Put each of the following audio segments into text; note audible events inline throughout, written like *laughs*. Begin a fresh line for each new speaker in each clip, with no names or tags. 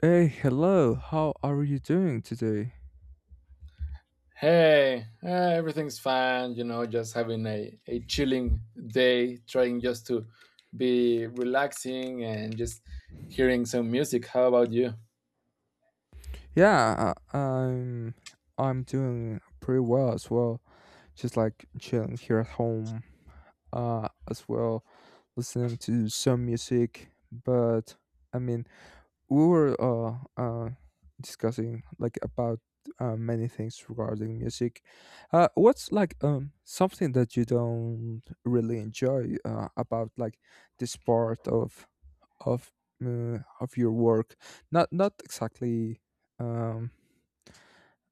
Hey, hello. How are you doing today?
Hey, everything's fine, just having a chilling day, trying just to be relaxing and just hearing some music. How about you?
Yeah, I'm doing pretty well as well. Just like chilling here at home, as well, listening to some music. But I mean, we were discussing like about many things regarding music. What's like something that you don't really enjoy about like this part of of your work, not exactly um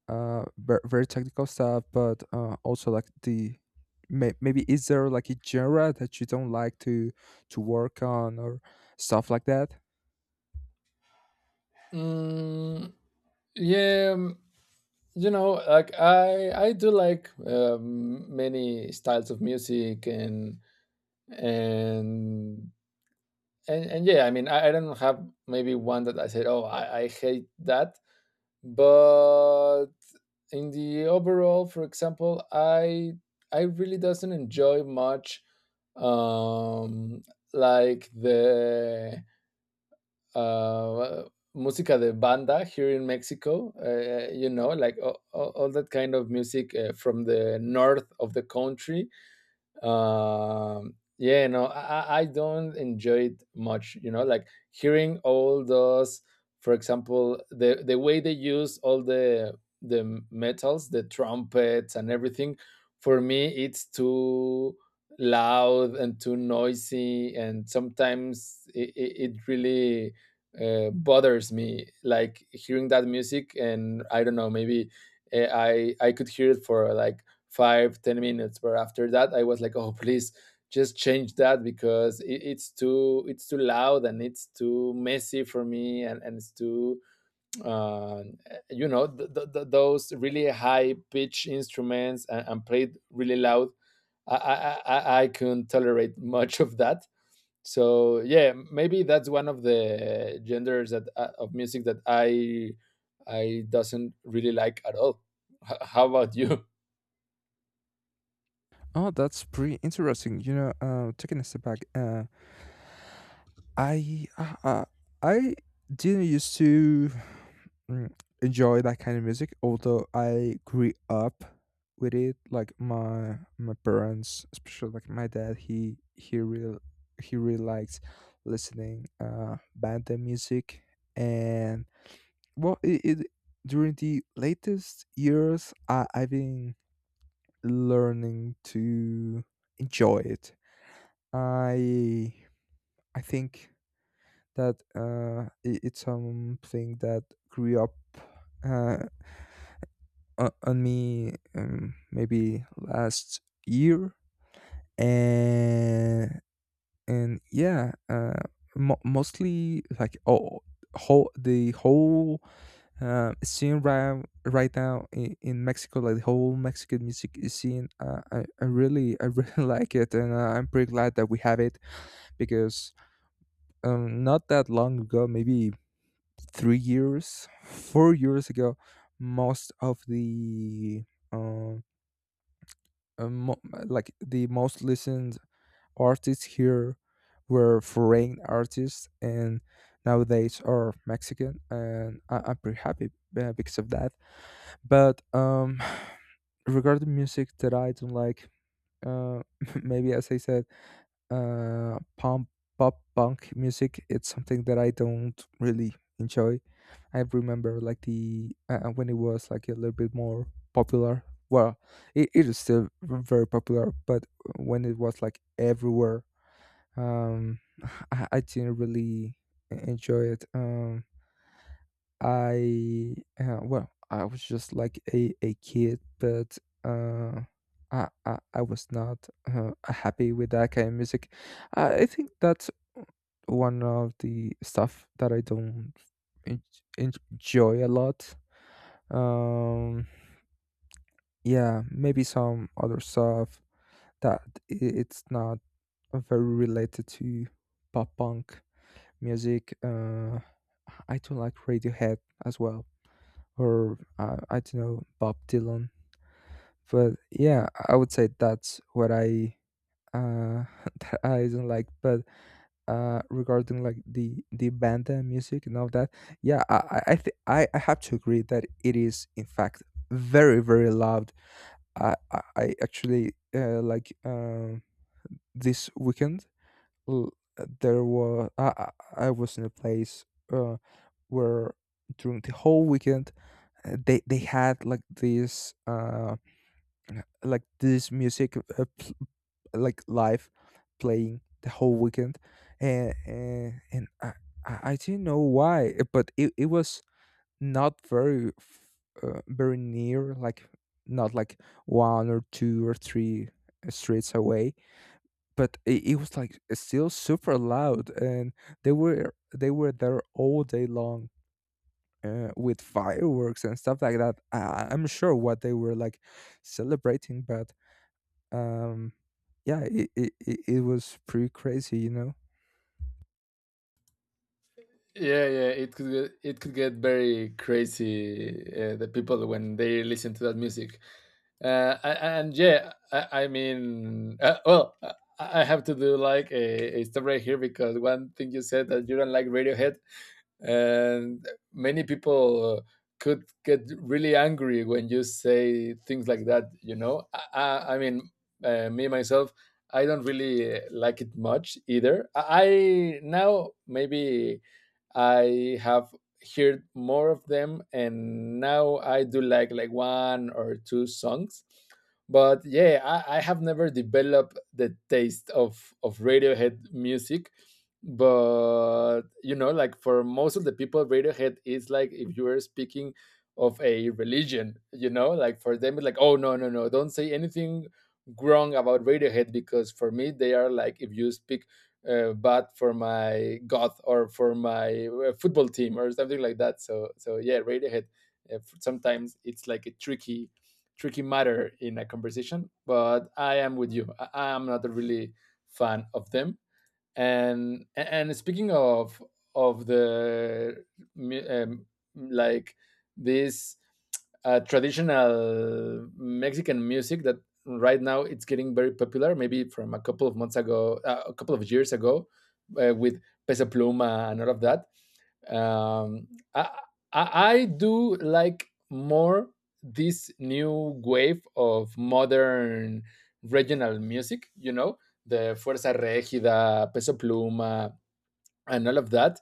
very technical stuff, but also like the— maybe is there like a genre that you don't like to work on or stuff like that?
Mm, yeah, like I do like many styles of music and and yeah, I mean, I don't have maybe one that I said, oh, I hate that, but in the overall, for example, I really doesn't enjoy much, um like, the uh música de banda here in Mexico. Like all that kind of music, from the north of the country. Yeah, no, I don't enjoy it much, like hearing all those. For example, the way they use all the metals, the trumpets and everything. For me, it's too loud and too noisy, and sometimes it really, bothers me, like hearing that music. And I don't know, maybe, I could hear it for like five ten minutes, but after that I was like, oh, *laughs* please just change that, because it's too loud and it's too messy for me, and it's too, uh, those really high pitch instruments, and played really loud. I couldn't tolerate *laughs* much of that. So yeah, maybe that's one of the genders that, of music, that I doesn't really like at all. How about you?
Oh, that's pretty interesting, you know. Taking a step back, I uh, uh, I didn't used to, mm, enjoy that kind of music, although I grew up with it. Like my parents, especially like my dad. He really likes listening band music. And well, it during the latest years, I've been learning to enjoy it. I I think that, it's something that grew up, uh, on me, maybe last year. And and yeah, mostly like, oh, whole, scene right now in Mexico. Like the whole Mexican music is scene, I really *laughs* like it, and I'm pretty glad that we have it because, not that long ago, maybe 3 years, 4 years ago, most of the uh, like the most listened artists here were foreign artists, and nowadays are Mexican. And I'm pretty happy, because of that. But *sighs* regarding music that I don't like, uh, *laughs* maybe as I said, uh, pop pop punk music. It's something that I don't really enjoy. I remember like the— when it was like a little bit more popular. Well, it is still very popular, but when it was like everywhere, um, *sighs* I didn't really enjoy it. I Well, I was just like a kid, but uh, I was not happy with that kind of music. I think that's one of the stuff that I don't en- enjoy a lot. Um, yeah, maybe some other stuff that it's not very related to pop punk music. I do like Radiohead as well. Or, I don't know, Bob Dylan. But yeah, I would say that's what I— uh *laughs* that I don't like. But regarding like the banda music and all that, yeah, I, th- I have to agree that it is in fact very very loud. I actually like, this weekend, l- there was— I was in a place uh where during the whole weekend, they had like this music, like live playing the whole weekend. And I didn't know why, but it was not very— very near. Like not like one or two or three streets away, but it was like still super loud, and they were there all day long, with fireworks and stuff like that. I'm sure what they were like celebrating, but um, yeah, it was pretty crazy, you know.
Yeah, yeah, it could get very crazy, the people, when they listen to that music. And yeah, I mean, well, I have to do like a stop right here, because one thing you said that you don't like Radiohead, and many people, could get really angry when you say things like that, you know. I mean, me myself, I don't really, like it much either. Now maybe I have heard more of them, and now I do like one or two songs. But yeah, I have never developed the taste of Radiohead music. But, like, for most of the people, Radiohead is like if you are speaking of a religion. Like, for them it's like, oh, no, no, no, don't say anything wrong about Radiohead, because for me they are like if you speak, bad for my god or for my, football team, or something like that. So yeah, Radiohead, sometimes it's like a tricky, tricky matter in a conversation. But I am with you. I am not a really fan of them. And speaking of the, um, like, this, traditional Mexican music that right now it's getting very popular. Maybe from a couple of months ago, a couple of years ago, with Pesa Pluma and all of that. um, I, I I do like more this new wave of modern regional music, you know, the Fuerza Regida, Peso Pluma, and all of that.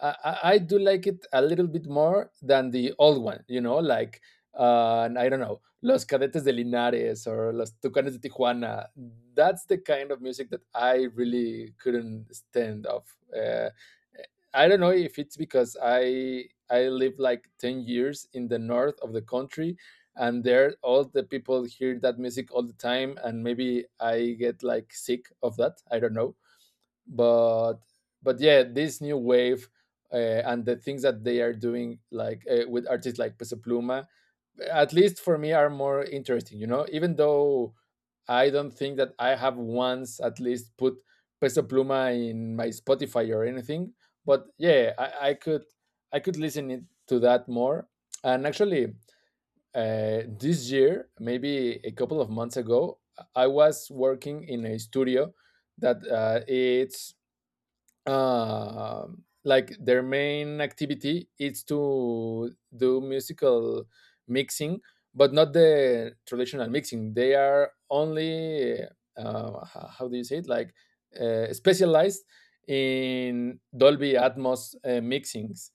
I do like it a little bit more than the old one, you know, like, I don't know, Los Cadetes de Linares or Los Tucanes de Tijuana. That's the kind of music that I really couldn't stand off. I don't know if it's because I lived like 10 years in the north of the country, and there all the people hear that music all the time, and maybe I get like sick of that. I don't know, but but yeah, this new wave, uh, and the things that they are doing, like, with artists like Peso Pluma, at least for me, are more interesting, you know, even though I don't think that I have once at least put Peso Pluma in my Spotify or anything. But yeah, I could listen, to that more. And actually, this year, maybe a couple of months ago, I was working in a studio that, it's, uh, like, their main activity is to do musical mixing, but not the traditional mixing. They are only, how do you say it? Like, specialized in Dolby Atmos, mixings,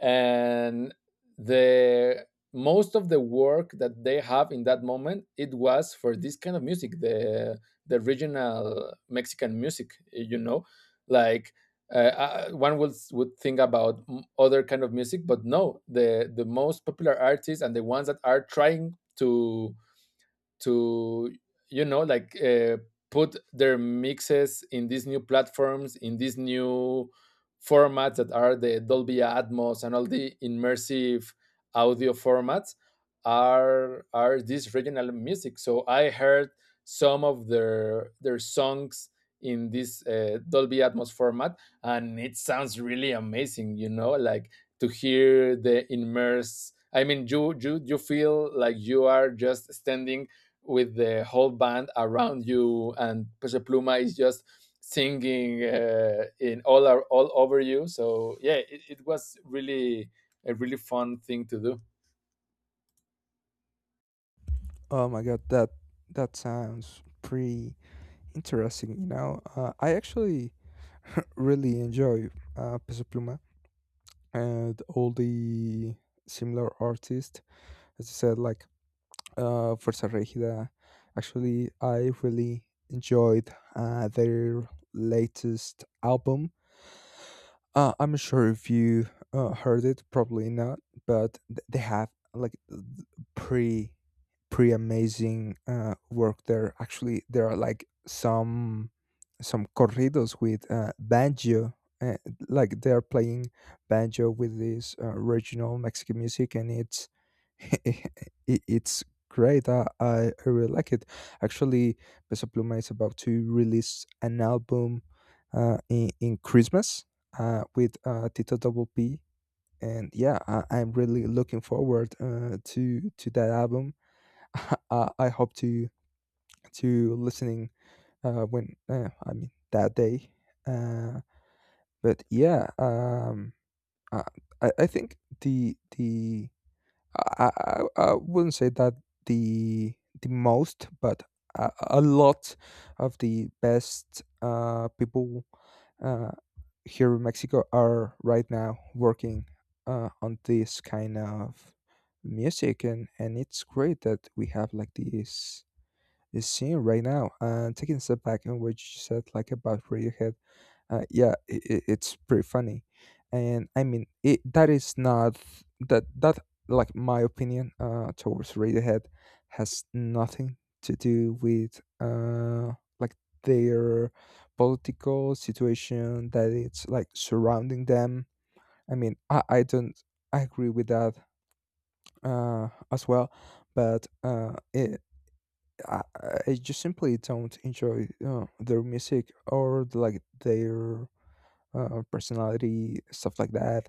and the most of the work that they have in that moment, it was for this kind of music, the regional Mexican music, you know, like, one would think about, other kind of music, but no, the most popular artists and the ones that are trying to like, put their mixes in these new platforms, in these new formats that are the Dolby Atmos and all the immersive audio formats, are this regional music. So I heard some of their songs in this, Dolby Atmos format, and it sounds really amazing, you know, like, to hear the immersed. I mean, you feel like you are just standing with the whole band around you, and Peso Pluma is just singing, in all over you. So yeah, it was really a really fun thing to do.
Oh my god, that sounds pretty interesting. You know, I actually really enjoy, Peso Pluma and all the similar artists. As I said, like, Fuerza Regida. Actually, I really enjoyed, their latest album. I'm sure if you heard it, probably not, but they have like th- pre pre amazing work there. Actually, there are like some corridos with, banjo, uh, like they are playing banjo with this, regional Mexican music, and it's *laughs* it- it's great. I really like it. Actually, Peso Pluma is about to release an album, in Christmas, with, Tito Double P. And yeah, I'm really looking forward, to that album. *laughs* I hope to listening, when, I mean, that day. Uh, but yeah. Uh, I think the I wouldn't say that the the most, but a, a lot of the best, people, uh, here in Mexico are right now working, on this kind of music. And it's great that we have like this is seeing right now. And taking a step back and what you said, like about Radiohead, yeah, it's pretty funny. And I mean, that is not— that that like my opinion, towards Radiohead, has nothing to do with, like, their political situation that it's like surrounding them. I mean, I don't I agree with that, as well, but I, I just simply don't enjoy, their music, or like their, personality, stuff like that.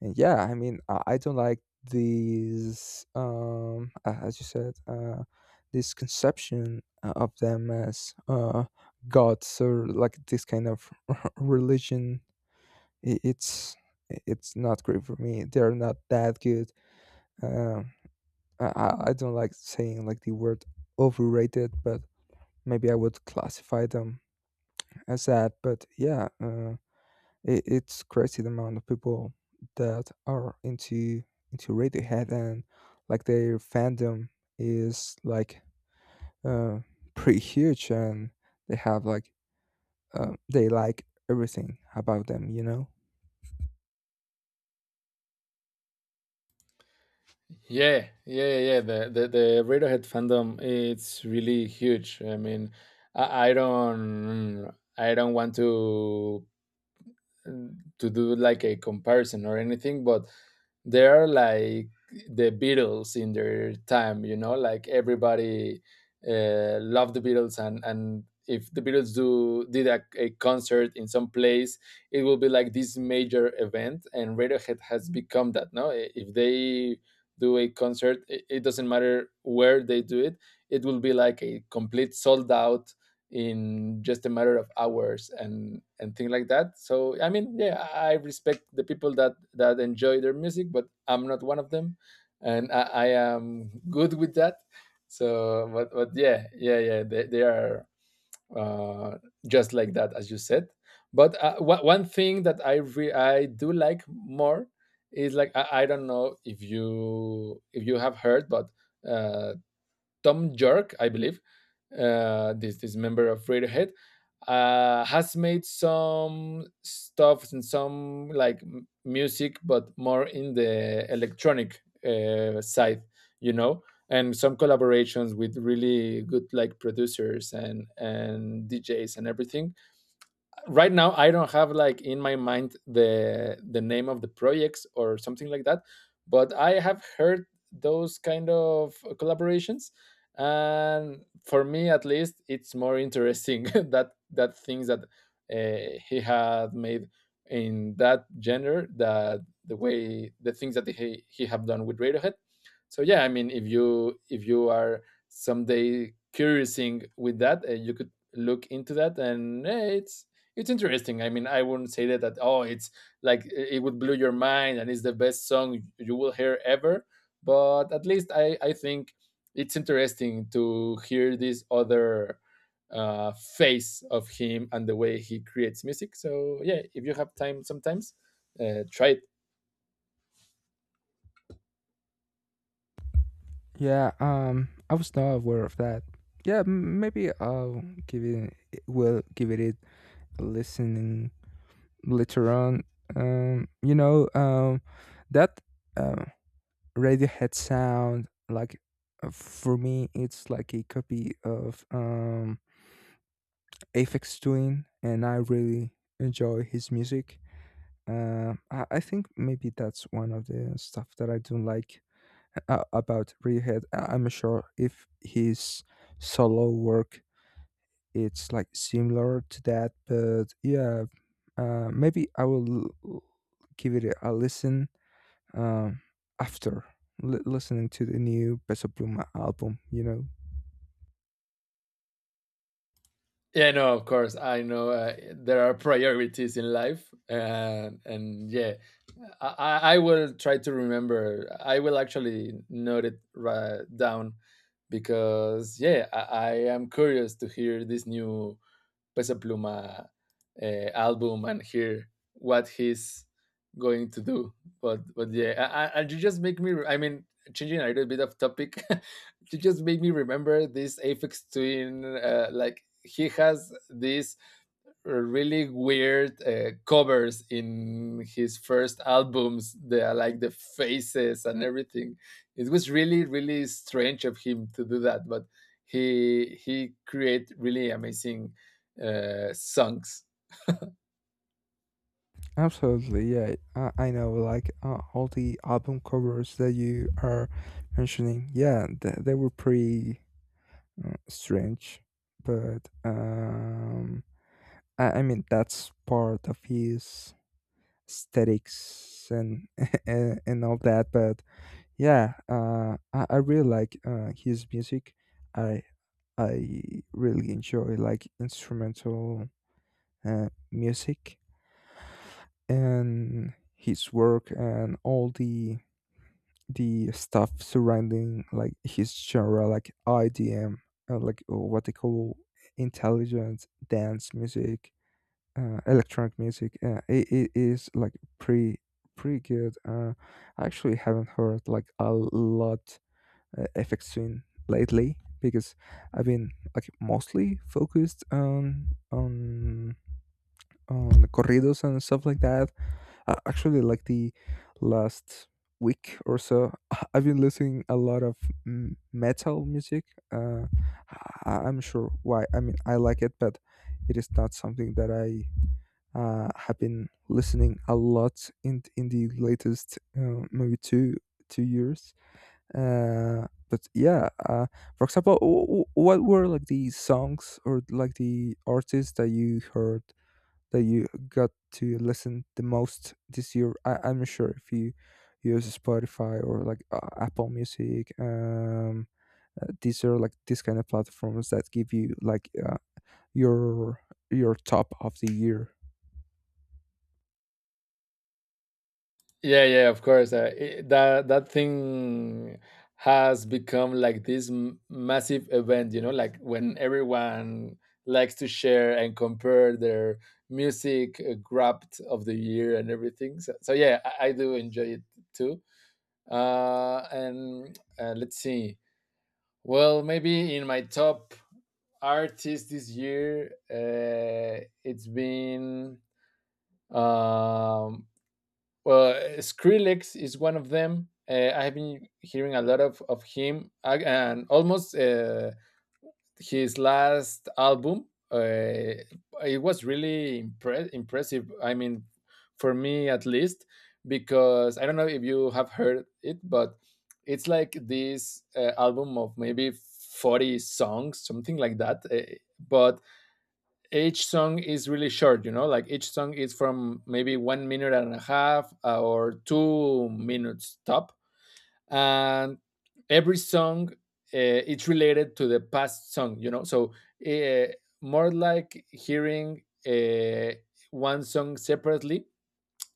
And yeah, I mean, I don't like these, as you said, this conception, of them as, gods, or like this kind of *laughs* religion. I- it's it's not great for me. They're not that good. um I don't like saying like the word overrated, but maybe I would classify them as that. But yeah, it's crazy, the amount of people that are into Radiohead, and like their fandom is like, uh, pretty huge, and they have like— they like everything about them, you know.
Yeah, yeah, yeah. The Radiohead fandom, it's really huge. I mean, I, I don't I don't want to do like a comparison or anything, but they are like the Beatles in their time, you know, like everybody, loved the Beatles. And if the Beatles do did a concert in some place, it will be like this major event, and Radiohead has become that. No, if they do a concert, it doesn't matter where they do it; it will be like a complete sold out in just a matter of hours, and things like that. So I mean, yeah, I respect the people that enjoy their music, but I'm not one of them, and I am good with that. So, but yeah, yeah, yeah, they are, uh just like that, as you said. But, one thing that I do like more is, like, I don't know if you have heard, but, uh Tom York, I believe, this member of Radiohead, has made some stuff and some, like, music, but more in the electronic, side, you know, and some collaborations with really good, like, producers and DJs and everything. Right now, I don't have, like, in my mind, the name of the projects or something like that. But I have heard those kind of collaborations, and for me at least, it's more interesting, *laughs* that things that, he had made in that genre, that the way the things that he have done with Radiohead. So yeah, I mean, if you are someday curiousing with that, you could look into that. And, it's interesting. I mean, I wouldn't say that oh, it's like it would blow your mind and it's the best song you will hear ever. But at least I think it's interesting to hear this other, face of him and the way he creates music. So yeah, if you have time, sometimes, try it.
Yeah, I was not aware of that. Yeah, maybe I'll give it will give it a listen later on. You know, that, uh, Radiohead sound, like, for me, it's like a copy of, Aphex Twin, and I really enjoy his music. I think maybe that's one of the stuff that I don't like, about Radiohead. I'm not sure if his solo work it's like similar to that, but yeah, maybe I will l- give it a listen, um, after listening to the new Peso Pluma album, you know.
Yeah, no, of course. I know, there are priorities in life, and yeah, I will try to remember. I will actually note it right down, because yeah, I am curious to hear this new Peso Pluma, album, and hear what he's going to do. But yeah, you just make me — I mean, changing a little bit of topic, *laughs* you just make me remember this Aphex Twin. Like, he has this really weird, covers in his first albums, the, like, the faces and everything. It was really, really strange of him to do that, but he create really amazing, songs.
Absolutely, yeah, I know, like, all the album covers that you are mentioning. Yeah, they were pretty, strange. But I mean that's part of his aesthetics and *laughs* and all that, but... Yeah, I really like, his music. I I really enjoy like instrumental, music, and his work, and all the stuff surrounding like his genre, like IDM, like, what they call intelligent dance music, electronic music. It is like pretty pretty good. I actually haven't heard like a lot, effects swing lately, because I've been like mostly focused on corridos and stuff like that. Actually, like the last week or so, *laughs* I've been listening a lot of, metal music. Uh, I'm sure why. I mean, I like it, but it is not something that I, have been listening a lot in the latest, maybe two years, but yeah. For example, what were like the songs or like the artists that you heard that you got to listen the most this year? I'm not sure if you use Spotify or like, Apple Music. These are like these kind of platforms that give you like, your your top of the year.
Yeah, yeah, of course. I that that thing has become like this, massive event, you know, like when everyone likes to share and compare their music, grabbed of the year and everything. So yeah, I do enjoy it too. And let's see. Well, maybe in my top artist this year, it's been, um, well, Skrillex is one of them. I have been hearing a lot of him, and almost, his last album. Uh, it was really impressive. I mean, for me at least, because I don't know if you have heard it, but it's like this, album of maybe 40 songs, something like that. But each song is really short, like each song is from maybe 1 minute and a half or 2 minutes top, and every song, it's related to the past song uh, More like hearing one song separately,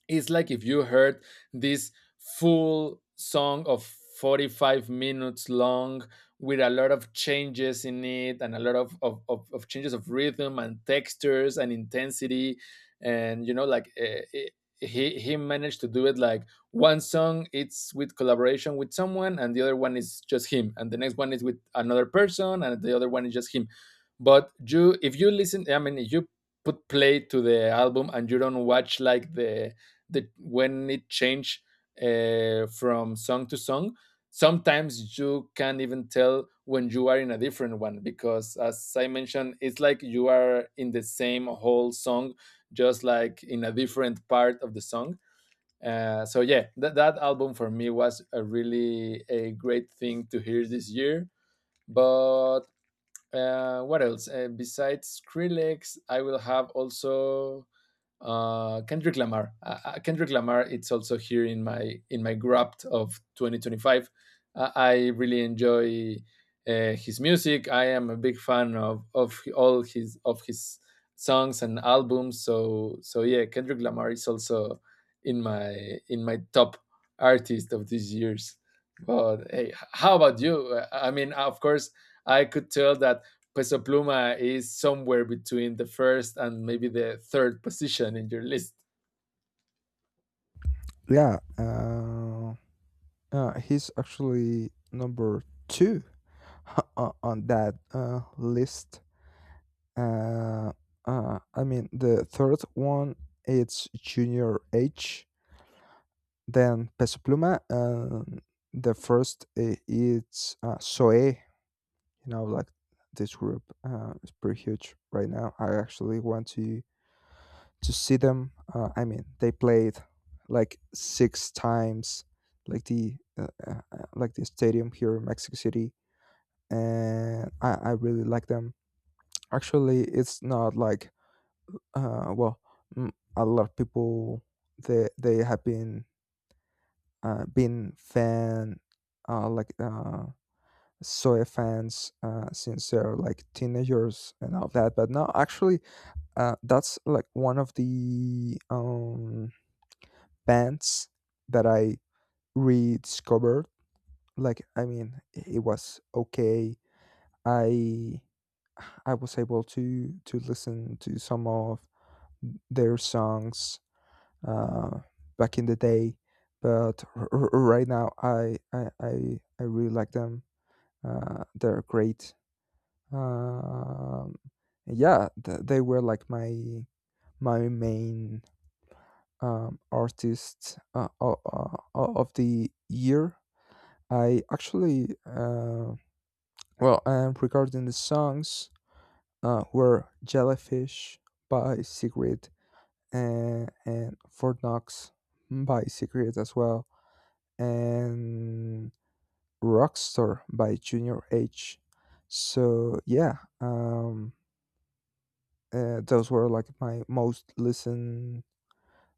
it's like if you heard this full song of 45 minutes long, with a lot of changes in it and a lot of changes of rhythm and textures and intensity. And, you know, like it, he managed to do it like one song it's with collaboration with someone, and the other one is just him, and the next one is with another person, and the other one is just him. But you, if you listen, I mean, if you put play to the album and you don't watch like the when it changed from song to song, sometimes you can't even tell when you are in a different one because, as I mentioned, it's like you are in the same whole song, just like in a different part of the song. So yeah, that album for me was a really a great thing to hear this year. But what else? Besides Skrillex, I will have also, Kendrick Lamar. Kendrick Lamar. It's also here in my graft of 2025. I really enjoy his music. I am a big fan of all his of his songs and albums. So so yeah, Kendrick Lamar is also in my top artist of these years. But hey, how about you? I mean, of course, I could tell that Peso Pluma is somewhere between the first and maybe the third position in your list.
Yeah, he's actually number two *laughs* on that, list. uh, I mean, the third one it's Junior H, then Peso Pluma, and the first it's, Soe. You know, like this group, is pretty huge right now. I actually want to see them. I mean, they played like six times, like the— like the stadium here in Mexico City, and I really like them. Actually, it's not like, well, mm, a lot of people, they have been, been fan, like, soy fans, since they're like teenagers and all that. But no, actually, that's like one of the, bands that I rediscovered. Like, I mean, it was okay. I I was able to listen to some of their songs, uh, back in the day. But right now, I really like them. They're great. Um, yeah, they were like my main, artists, of the year. I actually, well, I'm recording the songs, were Jellyfish by Secret, and Fort Knox by Secret as well, and Rockstar by Junior H. So yeah, um, those were like my most listened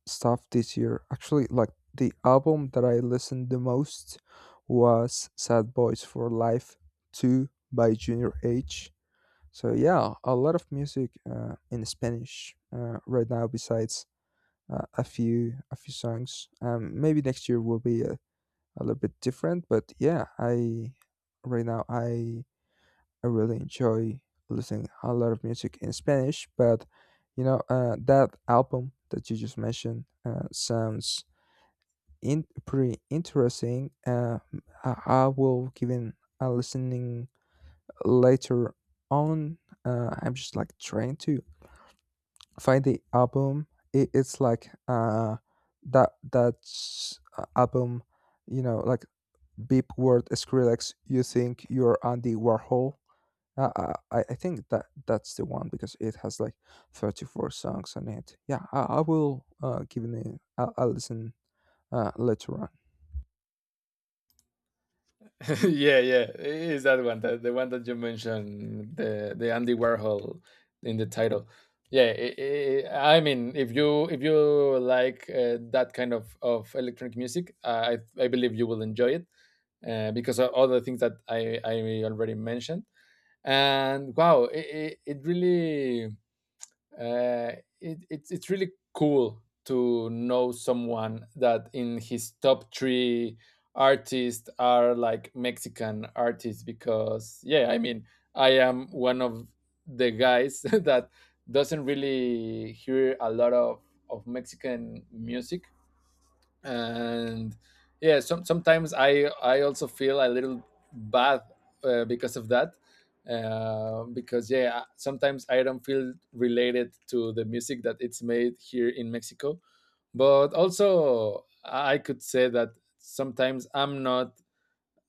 stuff this year. Actually, like the album that I listened the most was Sad Boys for Life 2 by Junior H. So yeah, a lot of music, in Spanish, right now. Besides, a few songs, maybe next year will be a— a little bit different. But yeah, I right now I really enjoy listening a lot of music in Spanish. But you know, that album that you just mentioned, sounds in pretty interesting. I will give it a listening later on. I'm just like trying to find the album. It's like, that's, album, you know, like Beep word Skrillex, you think you're Andy Warhol? I think that that's the one because it has like 34 songs on it. Yeah, I will, give it a— I'll listen, later on.
*laughs* Yeah, yeah, it's that one, the one that you mentioned, the Andy Warhol in the title. Yeah, I mean, if you, if you like that kind of electronic music, I believe you will enjoy it because of all the things that I already mentioned. And wow, it really, uh, it's really cool to know someone that in his top three artists are like Mexican artists. Because yeah, I mean, I am one of the guys *laughs* that doesn't really hear a lot of Mexican music, and yeah, sometimes I also feel a little bad, because of that, because yeah, sometimes I don't feel related to the music that it's made here in Mexico. But also, I could say that sometimes I'm not,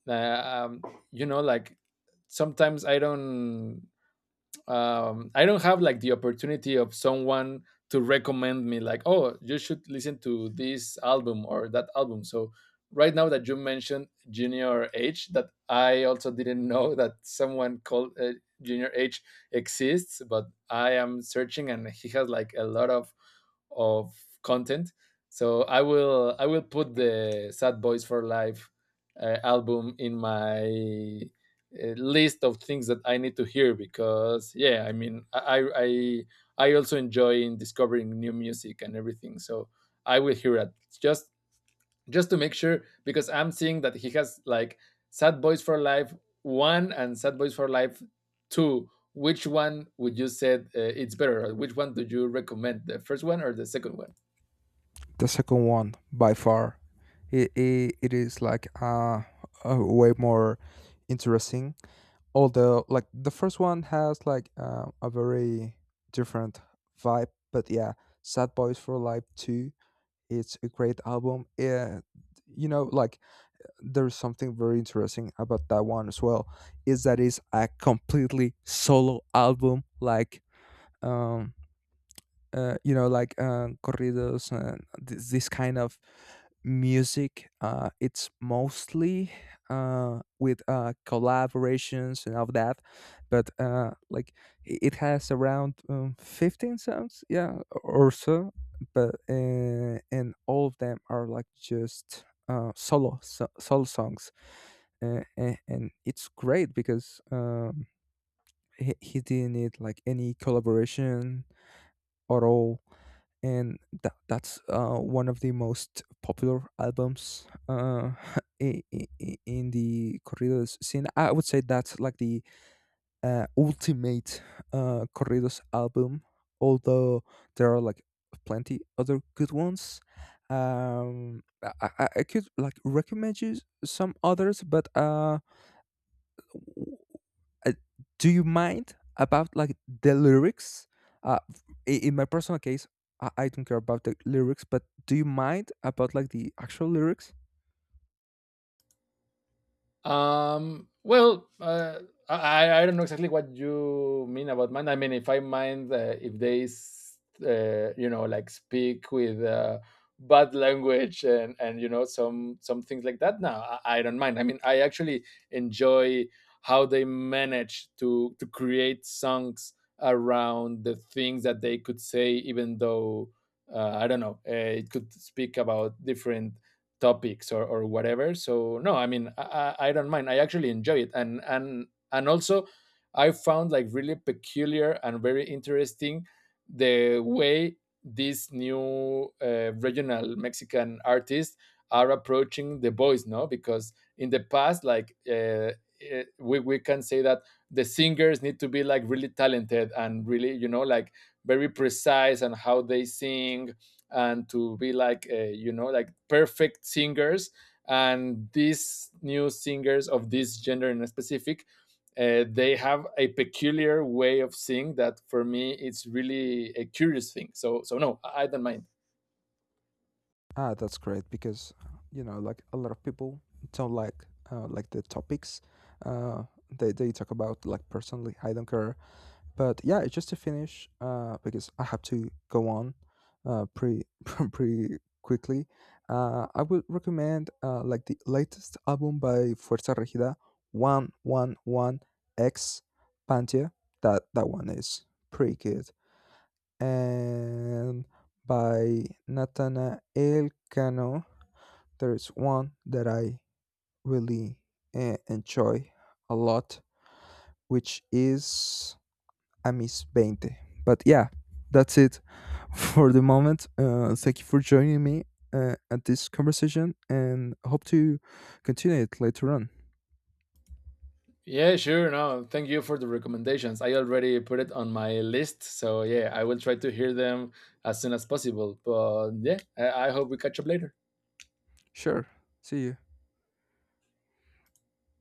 uh, um, you know like, sometimes I don't, I don't have like the opportunity of someone to recommend me like, oh, you should listen to this album or that album. So right now that you mentioned Junior H, that I also didn't know *laughs* that someone called Junior H exists, but I am searching and he has like a lot of content. So I will put the Sad Boys for Life album in my a list of things that I need to hear, because yeah, I mean, I also enjoy in discovering new music and everything. So I will hear it, just just to make sure, because I'm seeing that he has like Sad Boys for Life one and Sad Boys for Life two. Which one would you say it's better? Or which one do you recommend? The first one or the second one?
The second one, by far, it is like, way more interesting. Although, like, the first one has like, a very different vibe. But yeah, Sad Boys for Life 2. It's a great album. Yeah, you know, like, there's something very interesting about that one as well. Is that it's a completely solo album. Like, um, you know, like, corridos and this kind of music. It's mostly, with, collaborations and all of that. But, like, it has around, 15 songs, yeah, or so. But, and all of them are like just, solo songs, and it's great because, he didn't need like any collaboration at all. And that's, one of the most popular albums, *laughs* in i- in the corridos scene. I would say that's like the, ultimate, corridos album, although there are like plenty other good ones. I could like recommend you some others, but, uh, do you mind about like the lyrics? In my personal case, I don't care about the lyrics, but do you mind about like the actual lyrics?
Well, I don't know exactly what you mean about mind. I mean, if I mind, if they, you know, like speak with bad language and you know some things like that. Now I don't mind. I mean, I actually enjoy how they manage to create songs around the things that they could say, even though, I don't know, it could speak about different topics, or whatever. So no, I mean, I don't mind. I actually enjoy it. And and also, I found like really peculiar and very interesting the way these new regional Mexican artists are approaching the voice, no? Because in the past, like, we can say that the singers need to be like really talented and really, you know like, very precise and how they sing, and to be like, you know like, perfect singers. And these new singers of this gender in specific, they have a peculiar way of singing that for me it's really a curious thing. So so no, I don't mind.
Ah, that's great because, you know, like a lot of people don't like, like, the topics, uh, they talk about. Like, personally, I don't care. But yeah, it's just to finish, because I have to go on, pretty *laughs* pretty quickly. I would recommend, like, the latest album by Fuerza Regida, 111x Pantia. That one is pretty good. And by Natanael Cano, there is one that I really, enjoy a lot, which is I Miss Bente. But yeah, that's it *laughs* for the moment. Thank you for joining me, at this conversation, and hope to continue it later on.
Yeah, sure. No, thank you for the recommendations, I already put it on my list. So yeah, I will try to hear them as soon as possible. But yeah, I hope we catch up later.
Sure. See you.